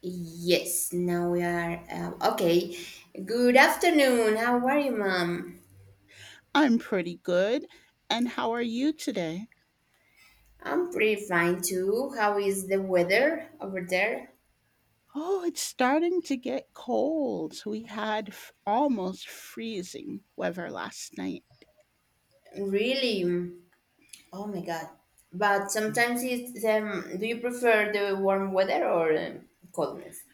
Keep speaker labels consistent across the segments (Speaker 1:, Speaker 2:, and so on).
Speaker 1: Yes, now we are. Okay. Good afternoon. How are you, mom?
Speaker 2: I'm pretty good. And how are you today?
Speaker 1: I'm pretty fine too. How is the weather over there?
Speaker 2: Oh, it's starting to get cold. We had almost freezing weather last night.
Speaker 1: Really? Oh my god. But sometimes it's do you prefer the warm weather or coldness?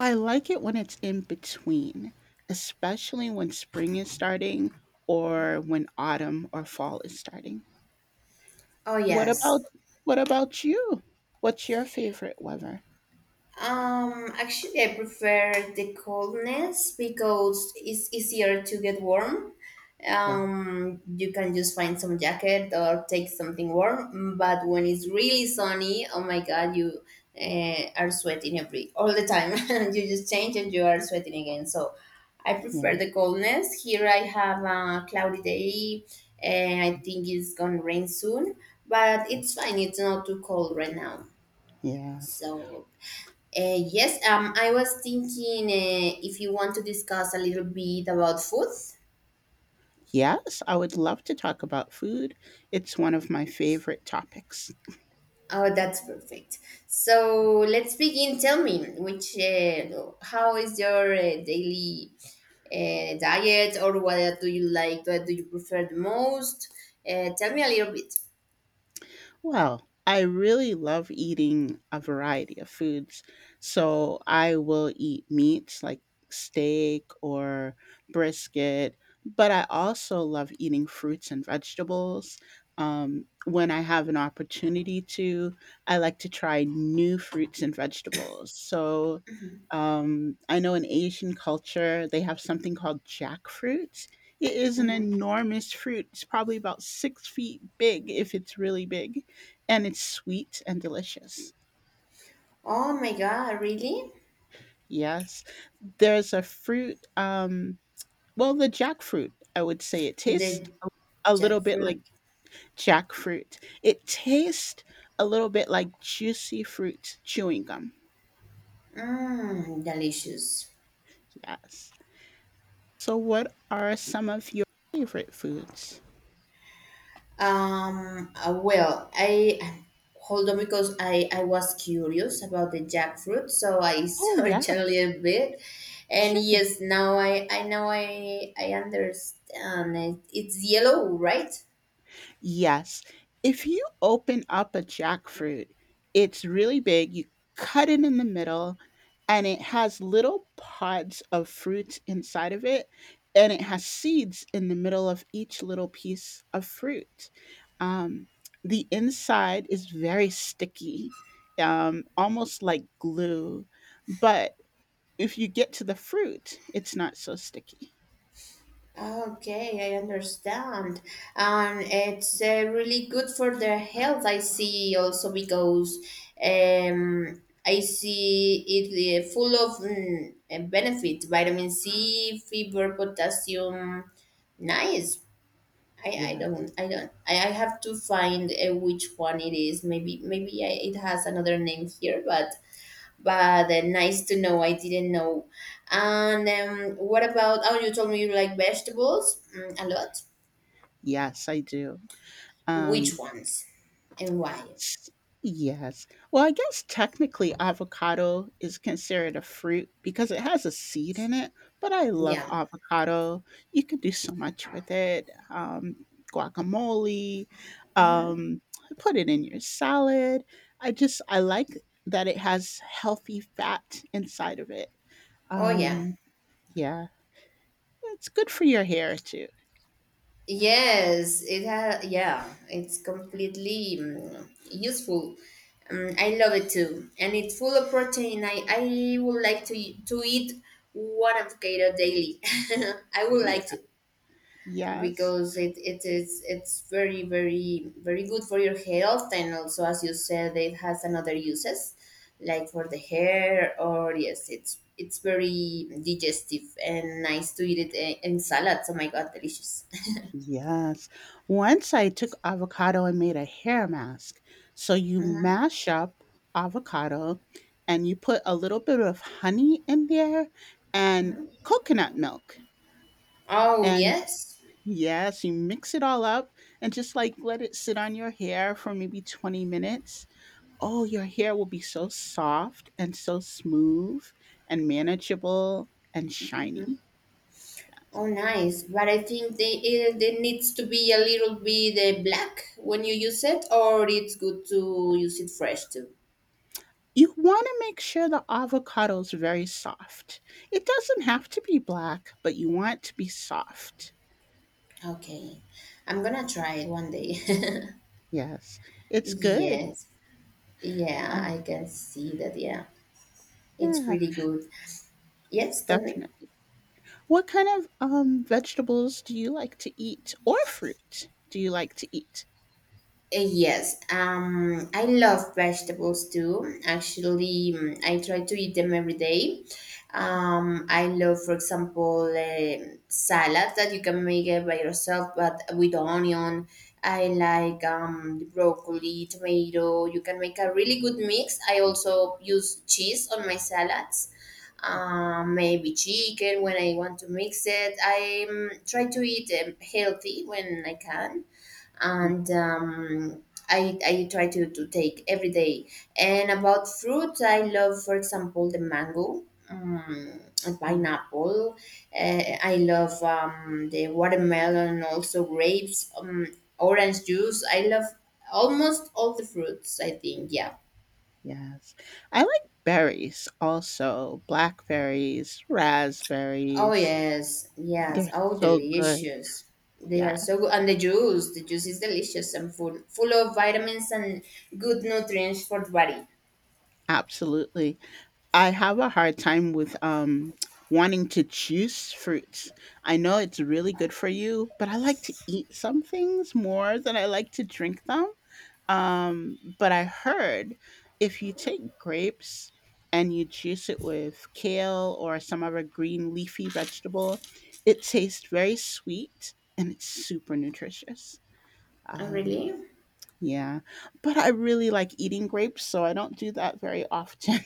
Speaker 2: I like it when it's in between, especially when spring is starting or when autumn or fall is starting.
Speaker 1: Oh
Speaker 2: What
Speaker 1: yes.
Speaker 2: about what about you? What's your favorite weather?
Speaker 1: Actually, I prefer the coldness because it's easier to get warm.
Speaker 2: Yeah,
Speaker 1: You can just find some jacket or take something warm. But when it's really sunny, oh my god, you are sweating every all the time. you just change and you are sweating again. So I prefer
Speaker 2: yeah,
Speaker 1: the coldness. Here I have a cloudy day. And I think it's gonna rain soon, but it's fine. It's not too cold right now.
Speaker 2: Yes.
Speaker 1: So yes, I was thinking if you want to discuss a little bit about food.
Speaker 2: Yes, I would love to talk about food. It's one of my favorite topics.
Speaker 1: Oh, that's perfect. So let's begin. Tell me, which how is your daily diet, or what do you like? What do you prefer the most? Tell me a little bit.
Speaker 2: Well, I really love eating a variety of foods. So I will eat meats like steak or brisket, but I also love eating fruits and vegetables. When I have an opportunity to, I like to try new fruits and vegetables. So I know in Asian culture, they have something called jackfruit. It is an
Speaker 1: Mhm.
Speaker 2: enormous fruit. It's probably about 6 feet big if it's really big and it's sweet and delicious.
Speaker 1: Oh my God, really?
Speaker 2: Yes. There's a fruit, well, the jackfruit, I would say it
Speaker 1: The
Speaker 2: tastes a little bit
Speaker 1: jackfruit,
Speaker 2: like jackfruit. It tastes a little bit like juicy fruit chewing gum.
Speaker 1: delicious.
Speaker 2: Yes. So, what are some of your favorite foods?
Speaker 1: Well, I hold on because I was curious about the jackfruit, so I
Speaker 2: Oh, yeah,
Speaker 1: searched a little bit. And
Speaker 2: sure.
Speaker 1: yes, now I know I understand it. It's yellow, right?
Speaker 2: Yes. If you open up a jackfruit, it's really big. You cut it in the middle, and it has little pods of fruits inside of it, and it has seeds in the middle of each little piece of fruit. Um, the inside is very sticky, almost like glue. But if you get to the fruit, it's not so sticky.
Speaker 1: Okay, I understand. And it's really good for their health, I see also because I see it full of benefits, vitamin C, fiber, potassium. Nice. I
Speaker 2: Yes.
Speaker 1: don't I don't I have to find which one it is. Maybe it has another name here, but nice to know. I didn't know. And what about? Oh, you told me you like vegetables a lot.
Speaker 2: Yes, I do.
Speaker 1: Which
Speaker 2: Um,
Speaker 1: ones and why?
Speaker 2: S yes. Well, I guess technically avocado is considered a fruit because it has a seed in it, but I love
Speaker 1: Yeah.
Speaker 2: avocado. You can do so much with it, guacamole, um, put it in your salad. I like that it has healthy fat inside of it.
Speaker 1: Oh, yeah.
Speaker 2: Um, yeah, it's good for your hair too.
Speaker 1: Yes, it has. Yeah, it's completely useful. I love it too, and it's full of protein. I would like to eat one avocado daily. I would
Speaker 2: Yeah,
Speaker 1: like to.
Speaker 2: yes.
Speaker 1: Because it's very very very good for your health and also as you said it has another uses like for the hair or yes it's very digestive and nice to eat it in salads oh my god delicious
Speaker 2: Yes. Once I took avocado and made a hair mask. So you mash up avocado and you put a little bit of honey in there and coconut milk.
Speaker 1: oh
Speaker 2: And
Speaker 1: yes
Speaker 2: yes, you mix it all up and just like let it sit on your hair for maybe 20 minutes. Oh, your hair will be so soft and so smooth and manageable and shiny.
Speaker 1: hmm oh nice but I think it needs to be a little bit black when you use it or it's good to use it fresh too
Speaker 2: You want to make sure the avocado is very soft. It doesn't have to be black, but you want it to be soft.
Speaker 1: okay I'm gonna try it one day
Speaker 2: Yes, it's good.
Speaker 1: yes Yeah,
Speaker 2: Um,
Speaker 1: I can see that. Yeah, it's
Speaker 2: yeah,
Speaker 1: pretty good. Yes, tell me.
Speaker 2: definitely. What kind of vegetables do you like to eat, or fruit do you like to eat?
Speaker 1: Yes, I love vegetables too. Actually, I try to eat them every day. I love, for example, salads that you can make it by yourself, but with onion. I like broccoli, tomato. You can make a really good mix. I also use cheese on my salads. Maybe chicken when I want to mix it. I try to eat healthy when I can
Speaker 2: Yeah.
Speaker 1: and I try to take every day. And about fruits, I love, for example, the mango, um, and
Speaker 2: Mm,
Speaker 1: pineapple.
Speaker 2: yeah.
Speaker 1: I love the watermelon, also grapes, orange juice. I love almost all the fruits, I think, yeah.
Speaker 2: Yes, I like berries also. Blackberries,
Speaker 1: Oh,
Speaker 2: raspberries.
Speaker 1: yes, yes.
Speaker 2: They're
Speaker 1: Oh,
Speaker 2: so good.
Speaker 1: delicious. They are so
Speaker 2: Yes,
Speaker 1: good. And the juice is delicious and full, full of vitamins and good nutrients for the body.
Speaker 2: absolutely. I have a hard time with wanting to choose fruits. I know it's really good for you, but I like to eat some things more than I like to drink them. But I heard if you take grapes and you juice it with kale or some other green leafy vegetable, it tastes very sweet and it's super nutritious.
Speaker 1: Oh,
Speaker 2: Um
Speaker 1: really?
Speaker 2: yeah, but I really like eating grapes, so I don't do that very often.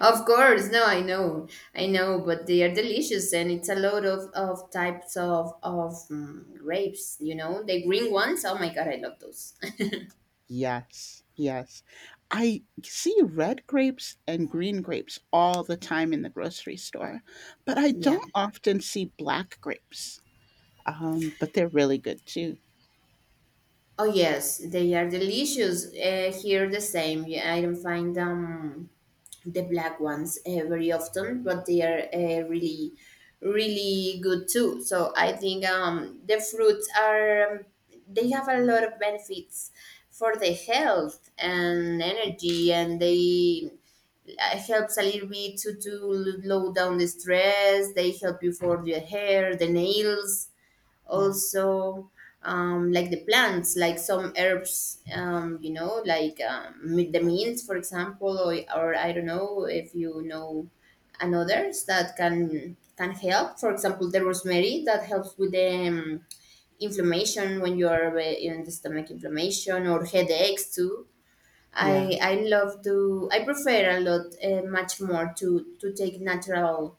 Speaker 1: Of course, no, I know, but they are delicious, and it's a lot of types of grapes. You know, the green ones. Oh my god, I love those.
Speaker 2: Yes, yes. I see red grapes and green grapes all the time in the grocery store, but I
Speaker 1: Yeah.
Speaker 2: don't often see black grapes. But they're really good too.
Speaker 1: Oh yes, they are delicious. Here the same. Yeah, I don't find the black ones very often, but they are really, really good too. So I think the fruits are they have a lot of benefits for the health and energy, and they helps a little bit to low down the stress. They help you for the hair, the nails
Speaker 2: Yes,
Speaker 1: also like the plants like some herbs you know like the mints for example or I don't know if you know and that can help for example the rosemary that helps with the inflammation when you are in the stomach inflammation or headaches too i
Speaker 2: yes,
Speaker 1: i love to I prefer a lot much more to take natural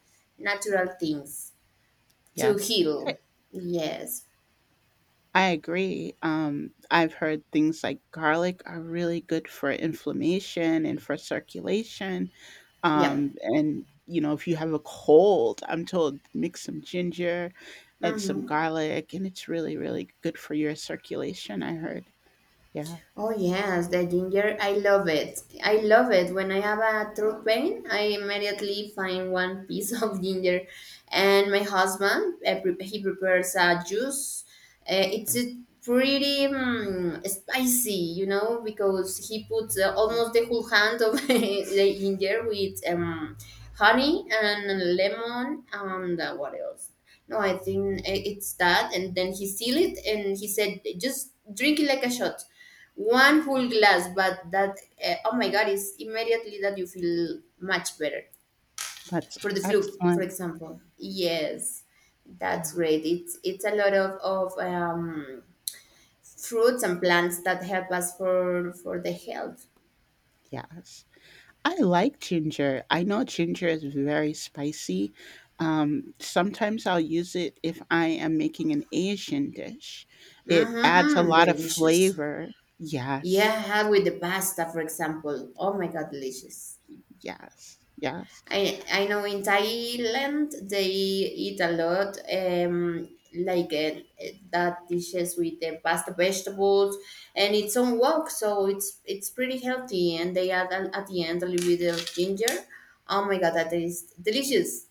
Speaker 1: natural things to
Speaker 2: yes.
Speaker 1: heal yes
Speaker 2: I agree. I've heard things like garlic are really good for inflammation and for circulation.
Speaker 1: Yeah.
Speaker 2: And, you know, if you have a cold, I'm told mix some ginger and some
Speaker 1: Mm-hmm.
Speaker 2: garlic, and it's really, really good for your circulation, I heard. Yeah.
Speaker 1: Oh yes, the ginger. I love it. I love it. When I have a throat pain, I immediately find one piece of ginger, and my husband he prepares a juice. It's
Speaker 2: yeah.
Speaker 1: a pretty spicy, you know, because he puts almost the whole hand of the ginger with honey and lemon and what else? No, I think it's that, and then he seal it and he said, just drink it like a shot one full glass, but that oh my god, it's immediately that you feel much better
Speaker 2: That's
Speaker 1: for the flu, for
Speaker 2: excellent.
Speaker 1: example. Yes, that's
Speaker 2: Wow.
Speaker 1: great. It's a lot of fruits and plants that help us for the health.
Speaker 2: Yes. I like ginger. I know ginger is very spicy. Sometimes I'll use it if I am making an Asian dish. It
Speaker 1: Mm-hmm,
Speaker 2: adds a
Speaker 1: mm,
Speaker 2: lot of
Speaker 1: delicious.
Speaker 2: flavor. Yes,
Speaker 1: Yeah, with the pasta, for example. Oh my god, delicious.
Speaker 2: yes, yes,
Speaker 1: I know in Thailand they eat a lot, like that dishes with the pasta vegetables, and it's on wok, so it's pretty healthy. And they add at the end a little bit of ginger. Oh my god, that is delicious!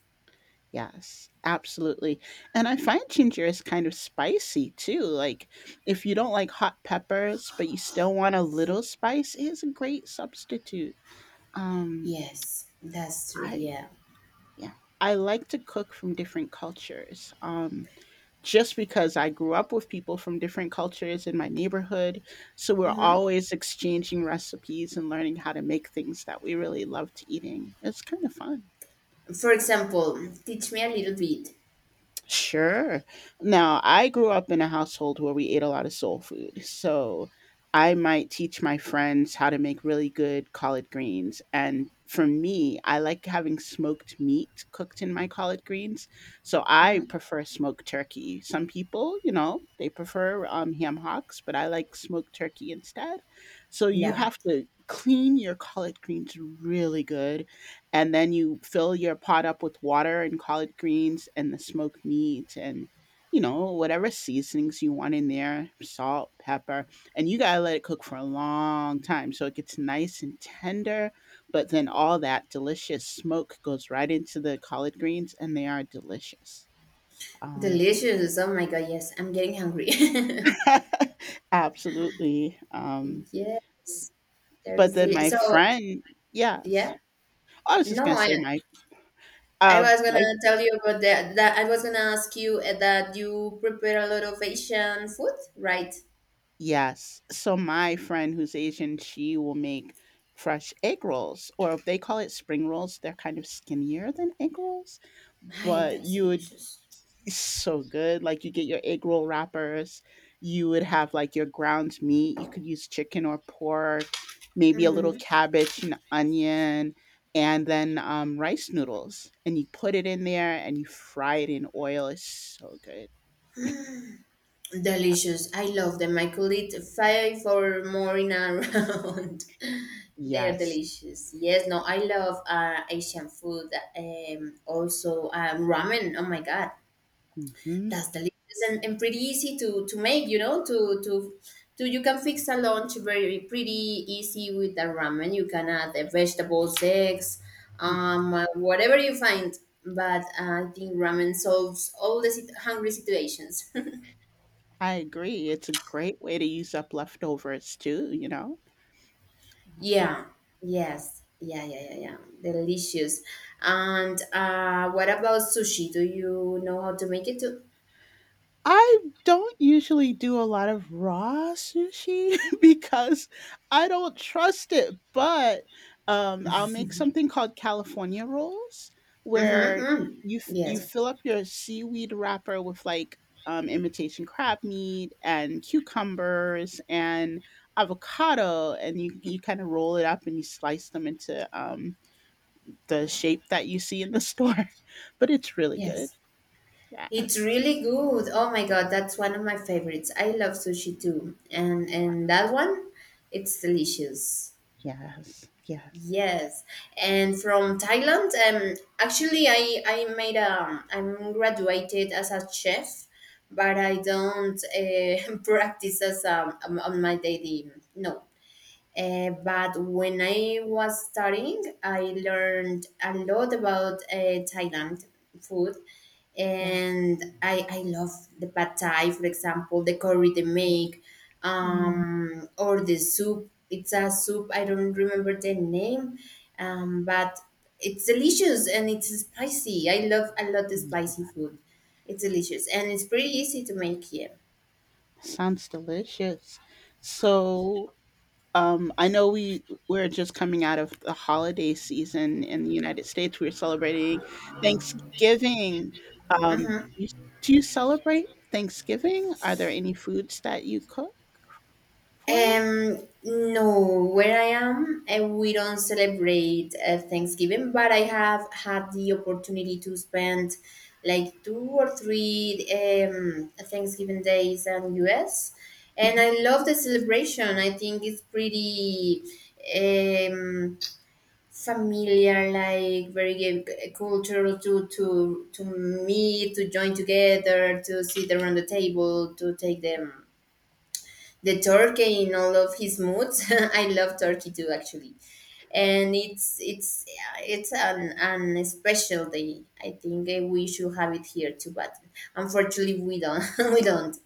Speaker 2: yes, absolutely. And I find ginger is kind of spicy too. Like, if you don't like hot peppers, but you still want a little spice, it is a great substitute. Um,
Speaker 1: Yes, that's true.
Speaker 2: I,
Speaker 1: Yeah.
Speaker 2: yeah. I like to cook from different cultures. Just because I grew up with people from different cultures in my neighborhood. So we're
Speaker 1: hmm
Speaker 2: always exchanging recipes and learning how to make things that we really loved eating. It's kind of fun.
Speaker 1: For example, teach me a little bit.
Speaker 2: Sure. Now, I grew up in a household where we ate a lot of soul food. So I might teach my friends how to make really good collard greens. And for me, I like having smoked meat cooked in my collard greens. So I prefer smoked turkey. Some people, you know, they prefer ham hocks, but I like smoked turkey instead. So you
Speaker 1: Yeah,
Speaker 2: have to clean your collard greens really good, and then you fill your pot up with water and collard greens and the smoked meat and, you know, whatever seasonings you want in there, salt, pepper, and you got to let it cook for a long time so it gets nice and tender, but then all that delicious smoke goes right into the collard greens and they are delicious. Um
Speaker 1: delicious. Oh my god, yes, I'm getting hungry.
Speaker 2: absolutely
Speaker 1: yes, there
Speaker 2: But
Speaker 1: is
Speaker 2: then
Speaker 1: deli-
Speaker 2: my
Speaker 1: so
Speaker 2: friend, yes,
Speaker 1: yeah.
Speaker 2: I was just
Speaker 1: No,
Speaker 2: going to say my
Speaker 1: I
Speaker 2: uh,
Speaker 1: was gonna
Speaker 2: my
Speaker 1: tell you about that. That I was gonna ask you that you prepare a lot of Asian food, right?
Speaker 2: Yes. So my friend who's Asian, she will make fresh egg rolls, or they call it spring rolls. They're kind of skinnier than egg rolls,
Speaker 1: Ay,
Speaker 2: but
Speaker 1: that's
Speaker 2: you would
Speaker 1: delicious.
Speaker 2: so good. Like you get your egg roll wrappers, you would have like your ground meat. You could use chicken or pork, maybe a little
Speaker 1: Hmm,
Speaker 2: cabbage and onion, and then rice noodles. And you put it in there and you fry it in oil. It's so good.
Speaker 1: delicious. I love them. I could eat five or more in a round. They are
Speaker 2: Yes.
Speaker 1: delicious. Yes, no, I love Asian food. Also ramen. Oh my god,
Speaker 2: hmm
Speaker 1: That's delicious and pretty easy to make, you know, to you can fix a lunch very pretty easy with the ramen. You can add the vegetables, eggs, whatever you find. But I think ramen solves all the hungry situations.
Speaker 2: I agree. It's a great way to use up leftovers too, you know? Mhm.
Speaker 1: Yeah. Yes. Yeah. Delicious. And what about sushi? Do you know how to make it too?
Speaker 2: I don't usually do a lot of raw sushi because I don't trust it, but I'll make something called California rolls
Speaker 1: Mm-hmm,
Speaker 2: where
Speaker 1: mm.
Speaker 2: you
Speaker 1: Yes.
Speaker 2: fill up your seaweed wrapper with like imitation crab meat and cucumbers and avocado, and you kind of roll it up and you slice them into the shape that you see in the store, but it's really good.
Speaker 1: Yes. It's
Speaker 2: Yes,
Speaker 1: really good. Oh my god, that's one of my favorites. I love sushi too. And that one, it's delicious.
Speaker 2: yes, yes,
Speaker 1: Yes. And from Thailand, actually I'm graduated as a chef, but I don't practice as on my daily no. But when I was studying, I learned a lot about Thailand food
Speaker 2: yes.
Speaker 1: and I love the pad thai, for example, the curry they make,
Speaker 2: Mm,
Speaker 1: or the soup. It's a soup, I don't remember the name, but it's delicious and it's spicy. I love a lot the spicy food. It's delicious and it's pretty easy to make here.
Speaker 2: sounds delicious. So, I know we're just coming out of the holiday season in the United States. We're celebrating Thanksgiving. Um, you, do you celebrate Thanksgiving? Are there any foods that you cook for it?
Speaker 1: No, where I am, we don't celebrate Thanksgiving, but I have had the opportunity to spend like two or three Thanksgiving days in US, and I love the celebration. I think it's pretty um, familiar, like cultural to meet, to join together, to sit around the table, to take them the turkey in all of his moods. I love turkey too, actually, and it's an special day. I think we should have it here too, but unfortunately we don't we don't.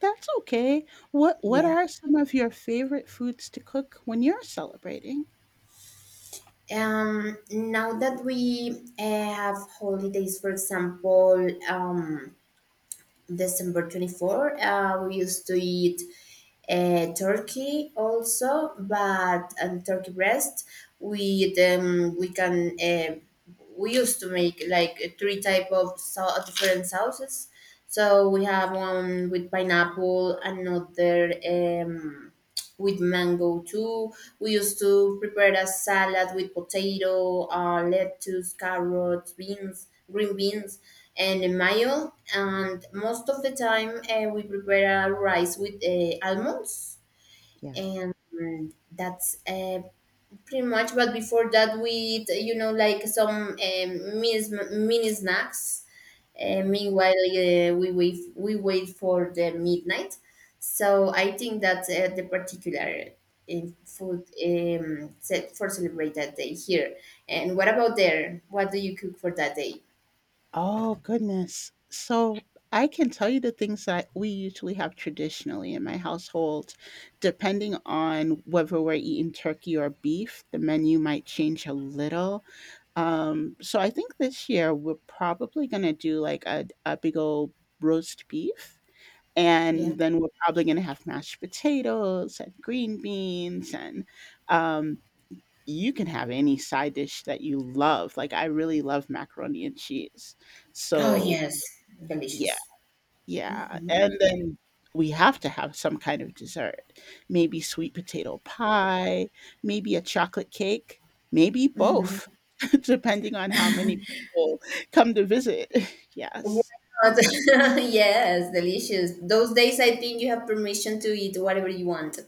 Speaker 2: That's okay. What
Speaker 1: Yeah.
Speaker 2: are some of your favorite foods to cook when you're celebrating?
Speaker 1: Now that we have holidays, for example, December 24th. We used to eat turkey also, but and turkey breast. We um, we can uh, we used to make like three type of different sauces. So we have one with pineapple, another. With mango too. We used to prepare a salad with potato, lettuce, carrots, beans, green beans, and a mayo. And most of the time, we prepare a rice with almonds,
Speaker 2: Yes.
Speaker 1: and that's pretty much but before that we eat you know like some mini snacks meanwhile we wait for the midnight so I think that's the particular in food set for celebrate that day here and what about there what do you cook for that day
Speaker 2: Oh, goodness. So, I can tell you the things that we usually have traditionally in my household. Depending on whether we're eating turkey or beef, the menu might change a little. So I think this year we're probably gonna do like a big old roast beef,
Speaker 1: yeah
Speaker 2: and then we're probably going to have mashed potatoes and green beans, and um, you can have any side dish that you love, like I really love macaroni and cheese.
Speaker 1: oh
Speaker 2: so
Speaker 1: yes
Speaker 2: yeah
Speaker 1: delicious
Speaker 2: yeah and then we have to have some kind of dessert, maybe sweet potato pie, maybe a chocolate cake, maybe both, depending on how many people come to visit.
Speaker 1: Why not?
Speaker 2: yes
Speaker 1: yes delicious those days I think you have permission to eat whatever you want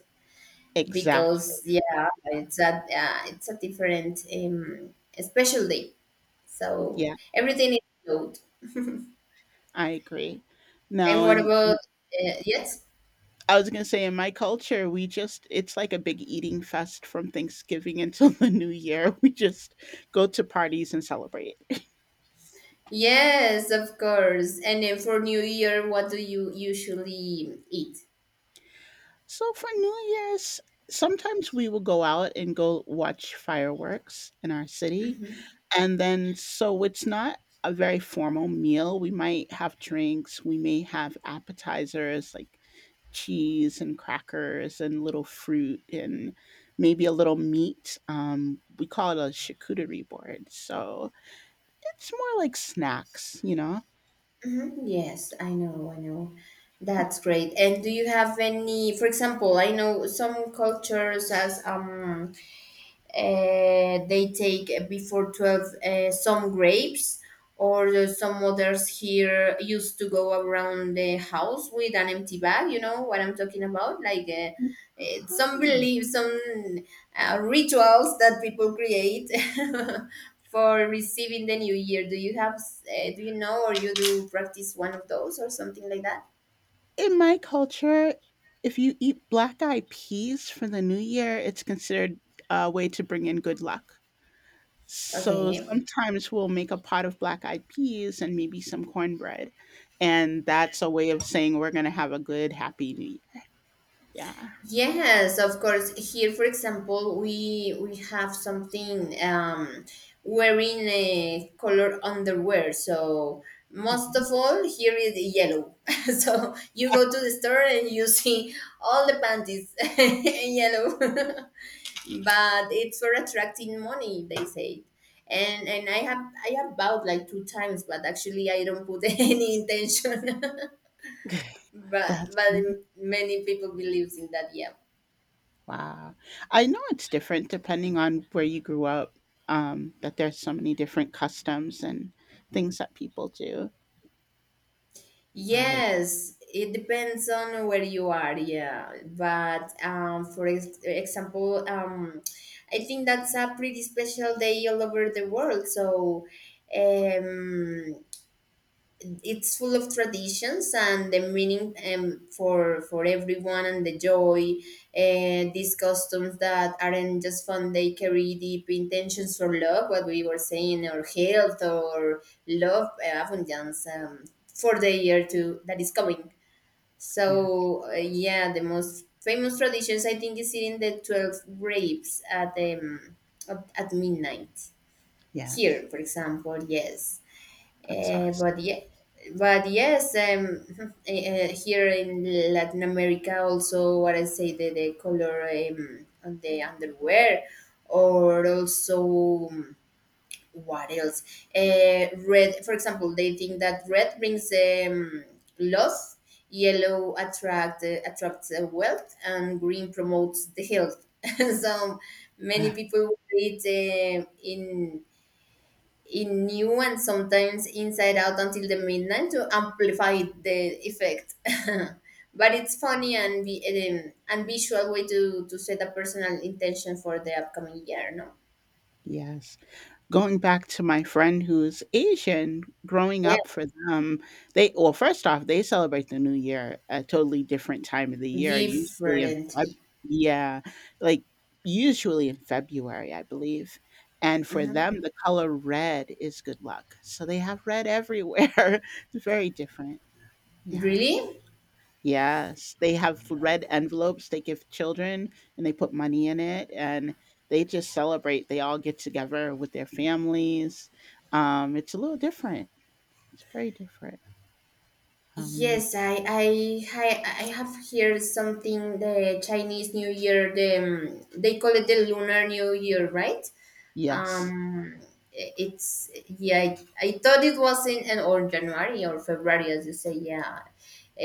Speaker 1: because
Speaker 2: exactly
Speaker 1: yeah, it's a different special day. So
Speaker 2: yeah
Speaker 1: everything is good.
Speaker 2: I agree
Speaker 1: And
Speaker 2: no
Speaker 1: what
Speaker 2: and
Speaker 1: about yes,
Speaker 2: I was gonna say in my culture, we just it's like a big eating fest from Thanksgiving until the New Year. We just go to parties and celebrate.
Speaker 1: yes, of course. And then for New Year, what do you usually eat?
Speaker 2: So for New Year's, sometimes we will go out and go watch fireworks in our city.
Speaker 1: Hmm
Speaker 2: And then so it's not a very formal meal. We might have drinks, we may have appetizers like cheese and crackers and little fruit and maybe a little meat. We call it a charcuterie board. So it's more like snacks, you know?
Speaker 1: hmm Yes, I know, I know. That's great. And do you have any, for example? I know some cultures as they take before 12 some grapes, or there's some others here used to go around the house with an empty bag. You know what I'm talking about, like some
Speaker 2: Mhm.
Speaker 1: beliefs, some rituals that people create for receiving the new year. Do you have do you know, or you do practice one of those or something like that?
Speaker 2: In my culture, if you eat black eyed peas for the new year, it's considered a way to bring in good luck. So
Speaker 1: Okay.
Speaker 2: sometimes we'll make a pot of black eyed peas and maybe some cornbread. And that's a way of saying we're going to have a good, happy new year. Yeah.
Speaker 1: Yes, of course. Here, for example, we have something, wearing a color underwear. So most
Speaker 2: Mhm.
Speaker 1: of all, here is yellow. So you go to the store and you see all the panties in yellow, but it's for attracting money, they say. And I have bought like two times, but actually I don't put any intention. but
Speaker 2: That's
Speaker 1: but many people believes in that. Yeah.
Speaker 2: wow. I know it's different depending on where you grew up, that there's so many different customs and things that people do. But
Speaker 1: Yes, it depends on where you are, yeah. But for example, I think that's a pretty special day all over the world. So, um, it's full of traditions and the meaning, for everyone, and the joy, and these customs that aren't just fun. They carry deep intentions for love, what we were saying, or health, or love, abundance, for the year to that is coming.
Speaker 2: yeah,
Speaker 1: So yeah, the most famous traditions, I think, is eating the 12 grapes at midnight here,
Speaker 2: yes,
Speaker 1: for example. Yes.
Speaker 2: that's awesome.
Speaker 1: But yeah, but yes, here in Latin America also, what I say, the color on the underwear, or also, what else? Red, for example, they think that red brings, love, yellow attracts wealth, and green promotes the health. So many people eat in new, and sometimes inside out, until the midnight to amplify the effect. But it's funny and and visual way to set a personal intention for the upcoming year. No,
Speaker 2: Yes. Going back to my friend who's Asian, growing
Speaker 1: yeah,
Speaker 2: up for them, they well, first off, they celebrate the New Year a totally different time of the year, usually in
Speaker 1: different.
Speaker 2: Feb yeah, like, usually in February, I believe, and for
Speaker 1: Mhm.
Speaker 2: them, the color red is good luck, so they have red everywhere. It's very different. Yeah.
Speaker 1: Really?
Speaker 2: Yes, they have red envelopes they give children, and they put money in it, and they just celebrate. They all get together with their families. It's a little different. It's very different. Um,
Speaker 1: Yes, I have here something, the Chinese New Year. They call it the Lunar New Year, right?
Speaker 2: yes.
Speaker 1: um it's yeah I, I thought it was in or January or February, as you say. Yeah.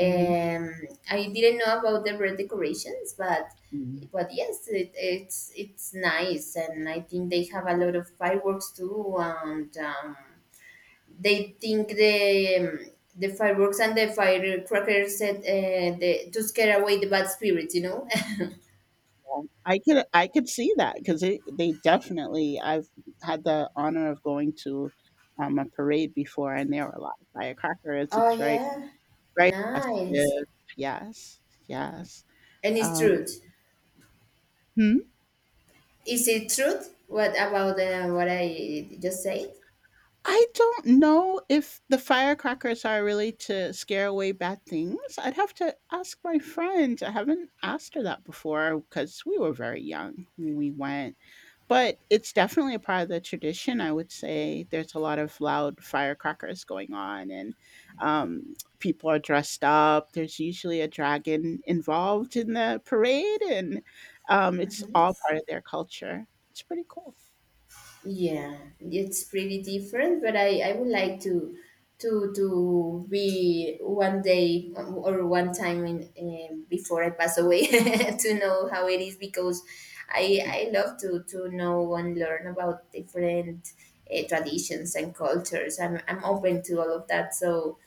Speaker 2: Mhm.
Speaker 1: I didn't know about the red decorations,
Speaker 2: Mhm.
Speaker 1: but yes, it's nice, and I think they have a lot of fireworks too. And they think the, the fireworks and the firecrackers said, to scare away the bad spirits, you know.
Speaker 2: I could see that because they definitely I've had the honor of going to a parade before and there were a lot of firecrackers.
Speaker 1: Oh
Speaker 2: It's very
Speaker 1: yeah.
Speaker 2: Very
Speaker 1: Nice.
Speaker 2: festive. Yes, yes.
Speaker 1: And it's
Speaker 2: Um,
Speaker 1: true.
Speaker 2: hmm,
Speaker 1: Is it truth, What about what I just said?
Speaker 2: I don't know if the firecrackers are really to scare away bad things. I'd have to ask my friends. I haven't asked her that before because we were very young when we went. But it's definitely a part of the tradition, I would say. There's a lot of loud firecrackers going on, and people are dressed up. There's usually a dragon involved in the parade, and it's
Speaker 1: Hmm.
Speaker 2: all part of their culture. It's pretty cool.
Speaker 1: Yeah, it's pretty different, but I would like to to be one day or one time in, before I pass away to know how it is, because I love to know and learn about different traditions and cultures. I'm open to all of that. So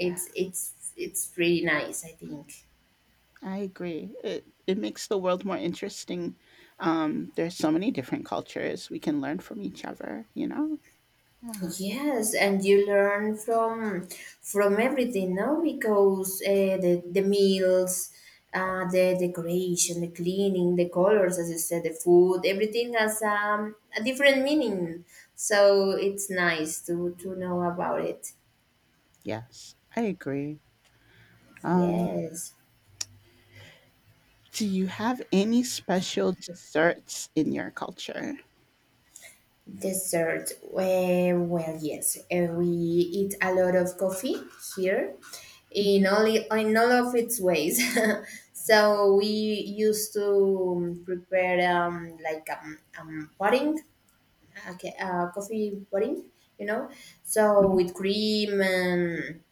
Speaker 2: Yeah,
Speaker 1: it's it's pretty nice, I think.
Speaker 2: I agree. It makes the world more interesting. There's so many different cultures. We can learn from each other, you know? Yeah.
Speaker 1: Yes, and you learn from everything, no? Because the meals, the decoration, the cleaning, the colors, as you said, the food, everything has, a different meaning. So it's nice to know about it.
Speaker 2: Yes, I agree. Um,
Speaker 1: Yes.
Speaker 2: do you have any special desserts in your culture?
Speaker 1: Dessert. Well, yes, we eat a lot of coffee here, in
Speaker 2: Hmm
Speaker 1: only, in all of its ways. So we used to prepare, pudding, okay, coffee pudding, you know. So
Speaker 2: hmm
Speaker 1: with cream, and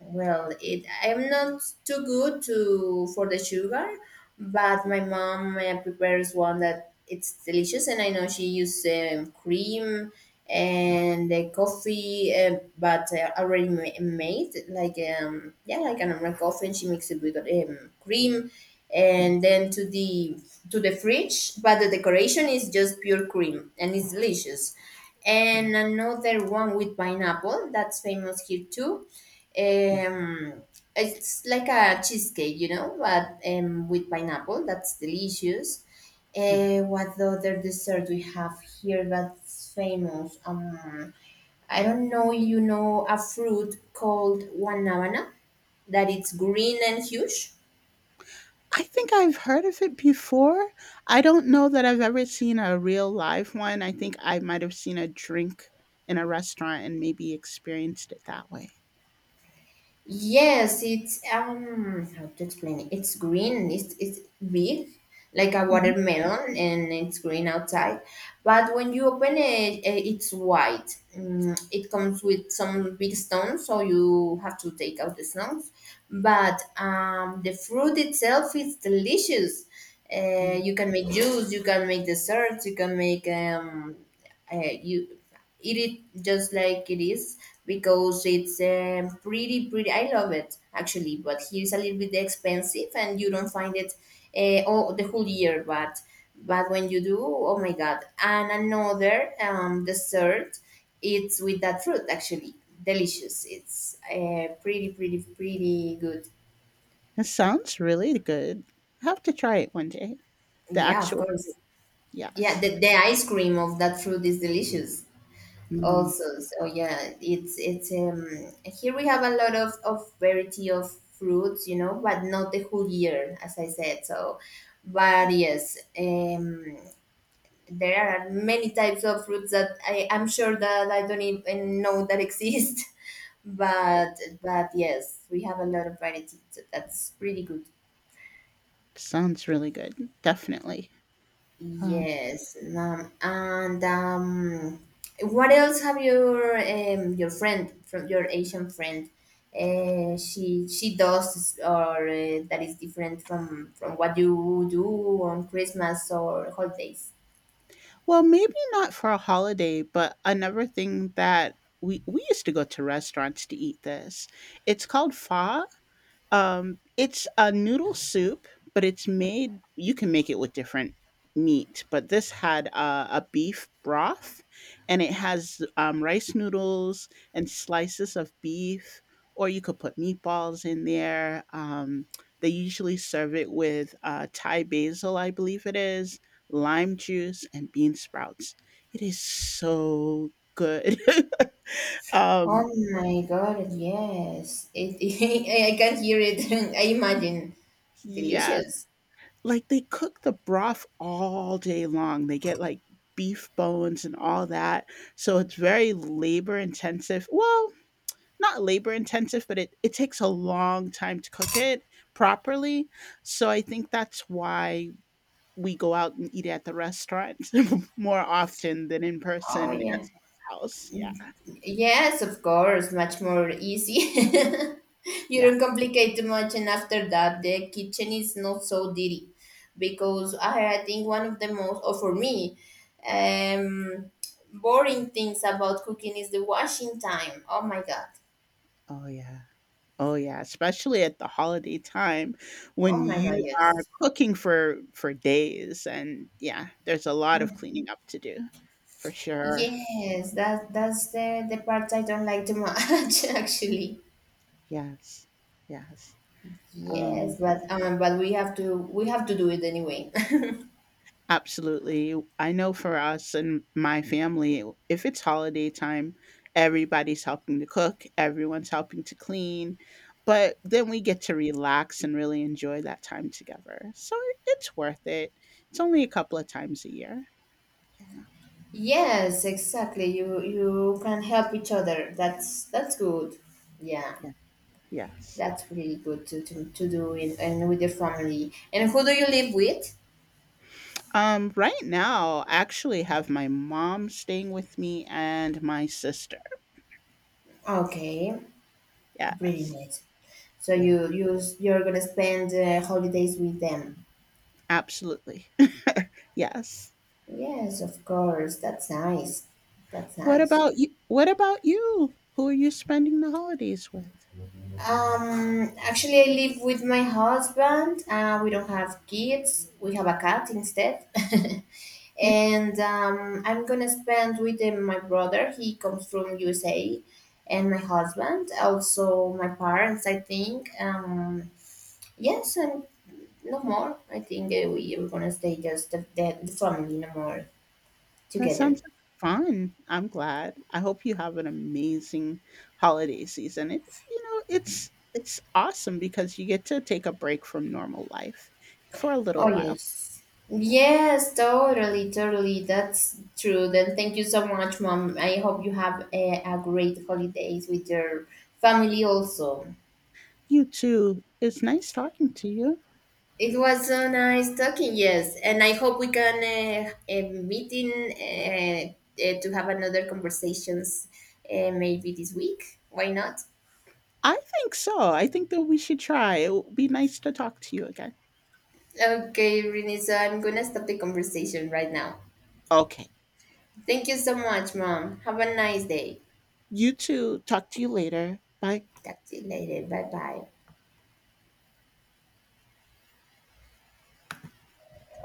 Speaker 1: well, it, I'm not too good to for the sugar, but my mom prepares one that it's delicious, and I know she uses, cream and coffee, but already made, like, yeah, like an American coffee, and she makes it with, cream,
Speaker 2: Yeah,
Speaker 1: and then to the fridge. But the decoration is just pure cream, and it's delicious.
Speaker 2: yeah,
Speaker 1: And another one with pineapple that's famous here too.
Speaker 2: yeah,
Speaker 1: Um, it's like a cheesecake, you know, but with pineapple. That's delicious.
Speaker 2: yeah.
Speaker 1: What the other dessert we have here that's famous? I don't know. You know, a fruit called guanabana, that it's green and huge.
Speaker 2: I think I've heard of it before. I don't know that I've ever seen a real live one. I think I might have seen a drink in a restaurant and maybe experienced it that way.
Speaker 1: Yes, it's, um, how to explain it? It's green. It's big, like a
Speaker 2: Mhm.
Speaker 1: watermelon, and it's green outside. But when you open it, eh, it's white. Mm, it comes with some big stones, so you have to take out the stones. But the fruit itself is delicious.
Speaker 2: Mm.
Speaker 1: You can make juice. You can make desserts. You can make, you eat it is just like it is, because it's, pretty pretty. I love it, actually, but here's a little bit expensive, and you don't find it all the whole year. But when you do, oh my god! And another, dessert, it's with that fruit, actually, delicious. It's pretty pretty pretty good.
Speaker 2: It sounds really good. I have to try it one day. The
Speaker 1: Yeah, of
Speaker 2: actual
Speaker 1: course. Yeah,
Speaker 2: yes.
Speaker 1: the ice cream of that fruit is delicious
Speaker 2: Mm,
Speaker 1: also. So yeah, it's here we have a lot of variety of fruits, you know, but not the whole year, as I said. So but yes, there are many types of fruits that I'm sure that I don't even know that exist.
Speaker 2: yep,
Speaker 1: but but yes, we have a lot of variety, so that's pretty good.
Speaker 2: sounds really good, definitely. Um,
Speaker 1: Yes, and what else have your, your friend, from your Asian friend? She does, or that is different from what you do on Christmas or holidays?
Speaker 2: well, maybe not for a holiday, but another thing that we used to go to restaurants to eat this. It's called pho. It's a noodle soup, but it's made. You can make it with different meat, but this had a beef broth, and it has rice noodles and slices of beef, or you could put meatballs in there. They usually serve it with Thai basil, I believe it is, lime juice, and bean sprouts. It is so good. um,
Speaker 1: Oh my God! Yes, I can hear it. I imagine
Speaker 2: yes,
Speaker 1: delicious.
Speaker 2: like they cook the broth all day long. They get like beef bones and all that. So it's very labor intensive. Well, not labor intensive, but it takes a long time to cook it properly. So I think that's why we go out and eat at the restaurant more often than in
Speaker 1: Oh
Speaker 2: person at
Speaker 1: yeah.
Speaker 2: someone's house. Yeah.
Speaker 1: Yes, of course, much more easy. You
Speaker 2: Yeah.
Speaker 1: don't complicate too much, and after that, the kitchen is not so dirty, because I think one of the most, or for me, um, boring things about cooking is the washing time. Oh my god!
Speaker 2: Oh, yeah. Oh, yeah, especially at the holiday time
Speaker 1: Oh
Speaker 2: when
Speaker 1: my god!
Speaker 2: you are
Speaker 1: Yes,
Speaker 2: cooking for days and yeah, there's a lot of cleaning up to do for sure.
Speaker 1: yes, that's the part I don't like too much, actually.
Speaker 2: Yes. Yes.
Speaker 1: Yes,
Speaker 2: Um,
Speaker 1: but we have to do it anyway.
Speaker 2: absolutely. I know for us and my family, if it's holiday time, everybody's helping to cook, everyone's helping to clean, but then we get to relax and really enjoy that time together. So it's worth it. It's only a couple of times a year. Yeah. yeah.
Speaker 1: Yes, exactly. You can help each other. That's good. Yeah,
Speaker 2: Yes.
Speaker 1: that's really good to do in and with your family. And who do you live with?
Speaker 2: Right now, I actually have my mom staying with me and my sister.
Speaker 1: Okay, pretty
Speaker 2: Yes.
Speaker 1: neat. So
Speaker 2: Yeah.
Speaker 1: you're gonna spend holidays with them.
Speaker 2: Absolutely. Yes.
Speaker 1: Yes, of course. That's nice. That's nice.
Speaker 2: What about you? Who are you spending the holidays with?
Speaker 1: Actually, I live with my husband. We don't have kids. We have a cat instead.
Speaker 2: Mm,
Speaker 1: And I'm gonna spend with my brother. He comes from USA, and my husband, also my parents. I think, yes, and no more. I think we are gonna stay just the family, no more
Speaker 2: That
Speaker 1: together.
Speaker 2: sounds like fun. I'm glad. I hope you have an amazing holiday season. It You know, it's awesome because you get to take a break from normal life for a little
Speaker 1: Oh
Speaker 2: while.
Speaker 1: yes.
Speaker 2: Yeah.
Speaker 1: Yes, totally, totally. That's true. Then thank you so much, Mom. I hope you have a great holidays with your family also.
Speaker 2: You too. It's nice talking to you.
Speaker 1: It was so nice talking, yes. And I hope we can meet to have another conversations maybe this week. Why not?
Speaker 2: I think so. I think that we should try. It would be nice to talk to you again.
Speaker 1: Okay, Renee, so I'm gonna stop the conversation right now.
Speaker 2: Okay.
Speaker 1: Thank you so much, Mom. Have a nice day.
Speaker 2: You two, talk to you later. Bye.
Speaker 1: Talk to you later. Bye bye.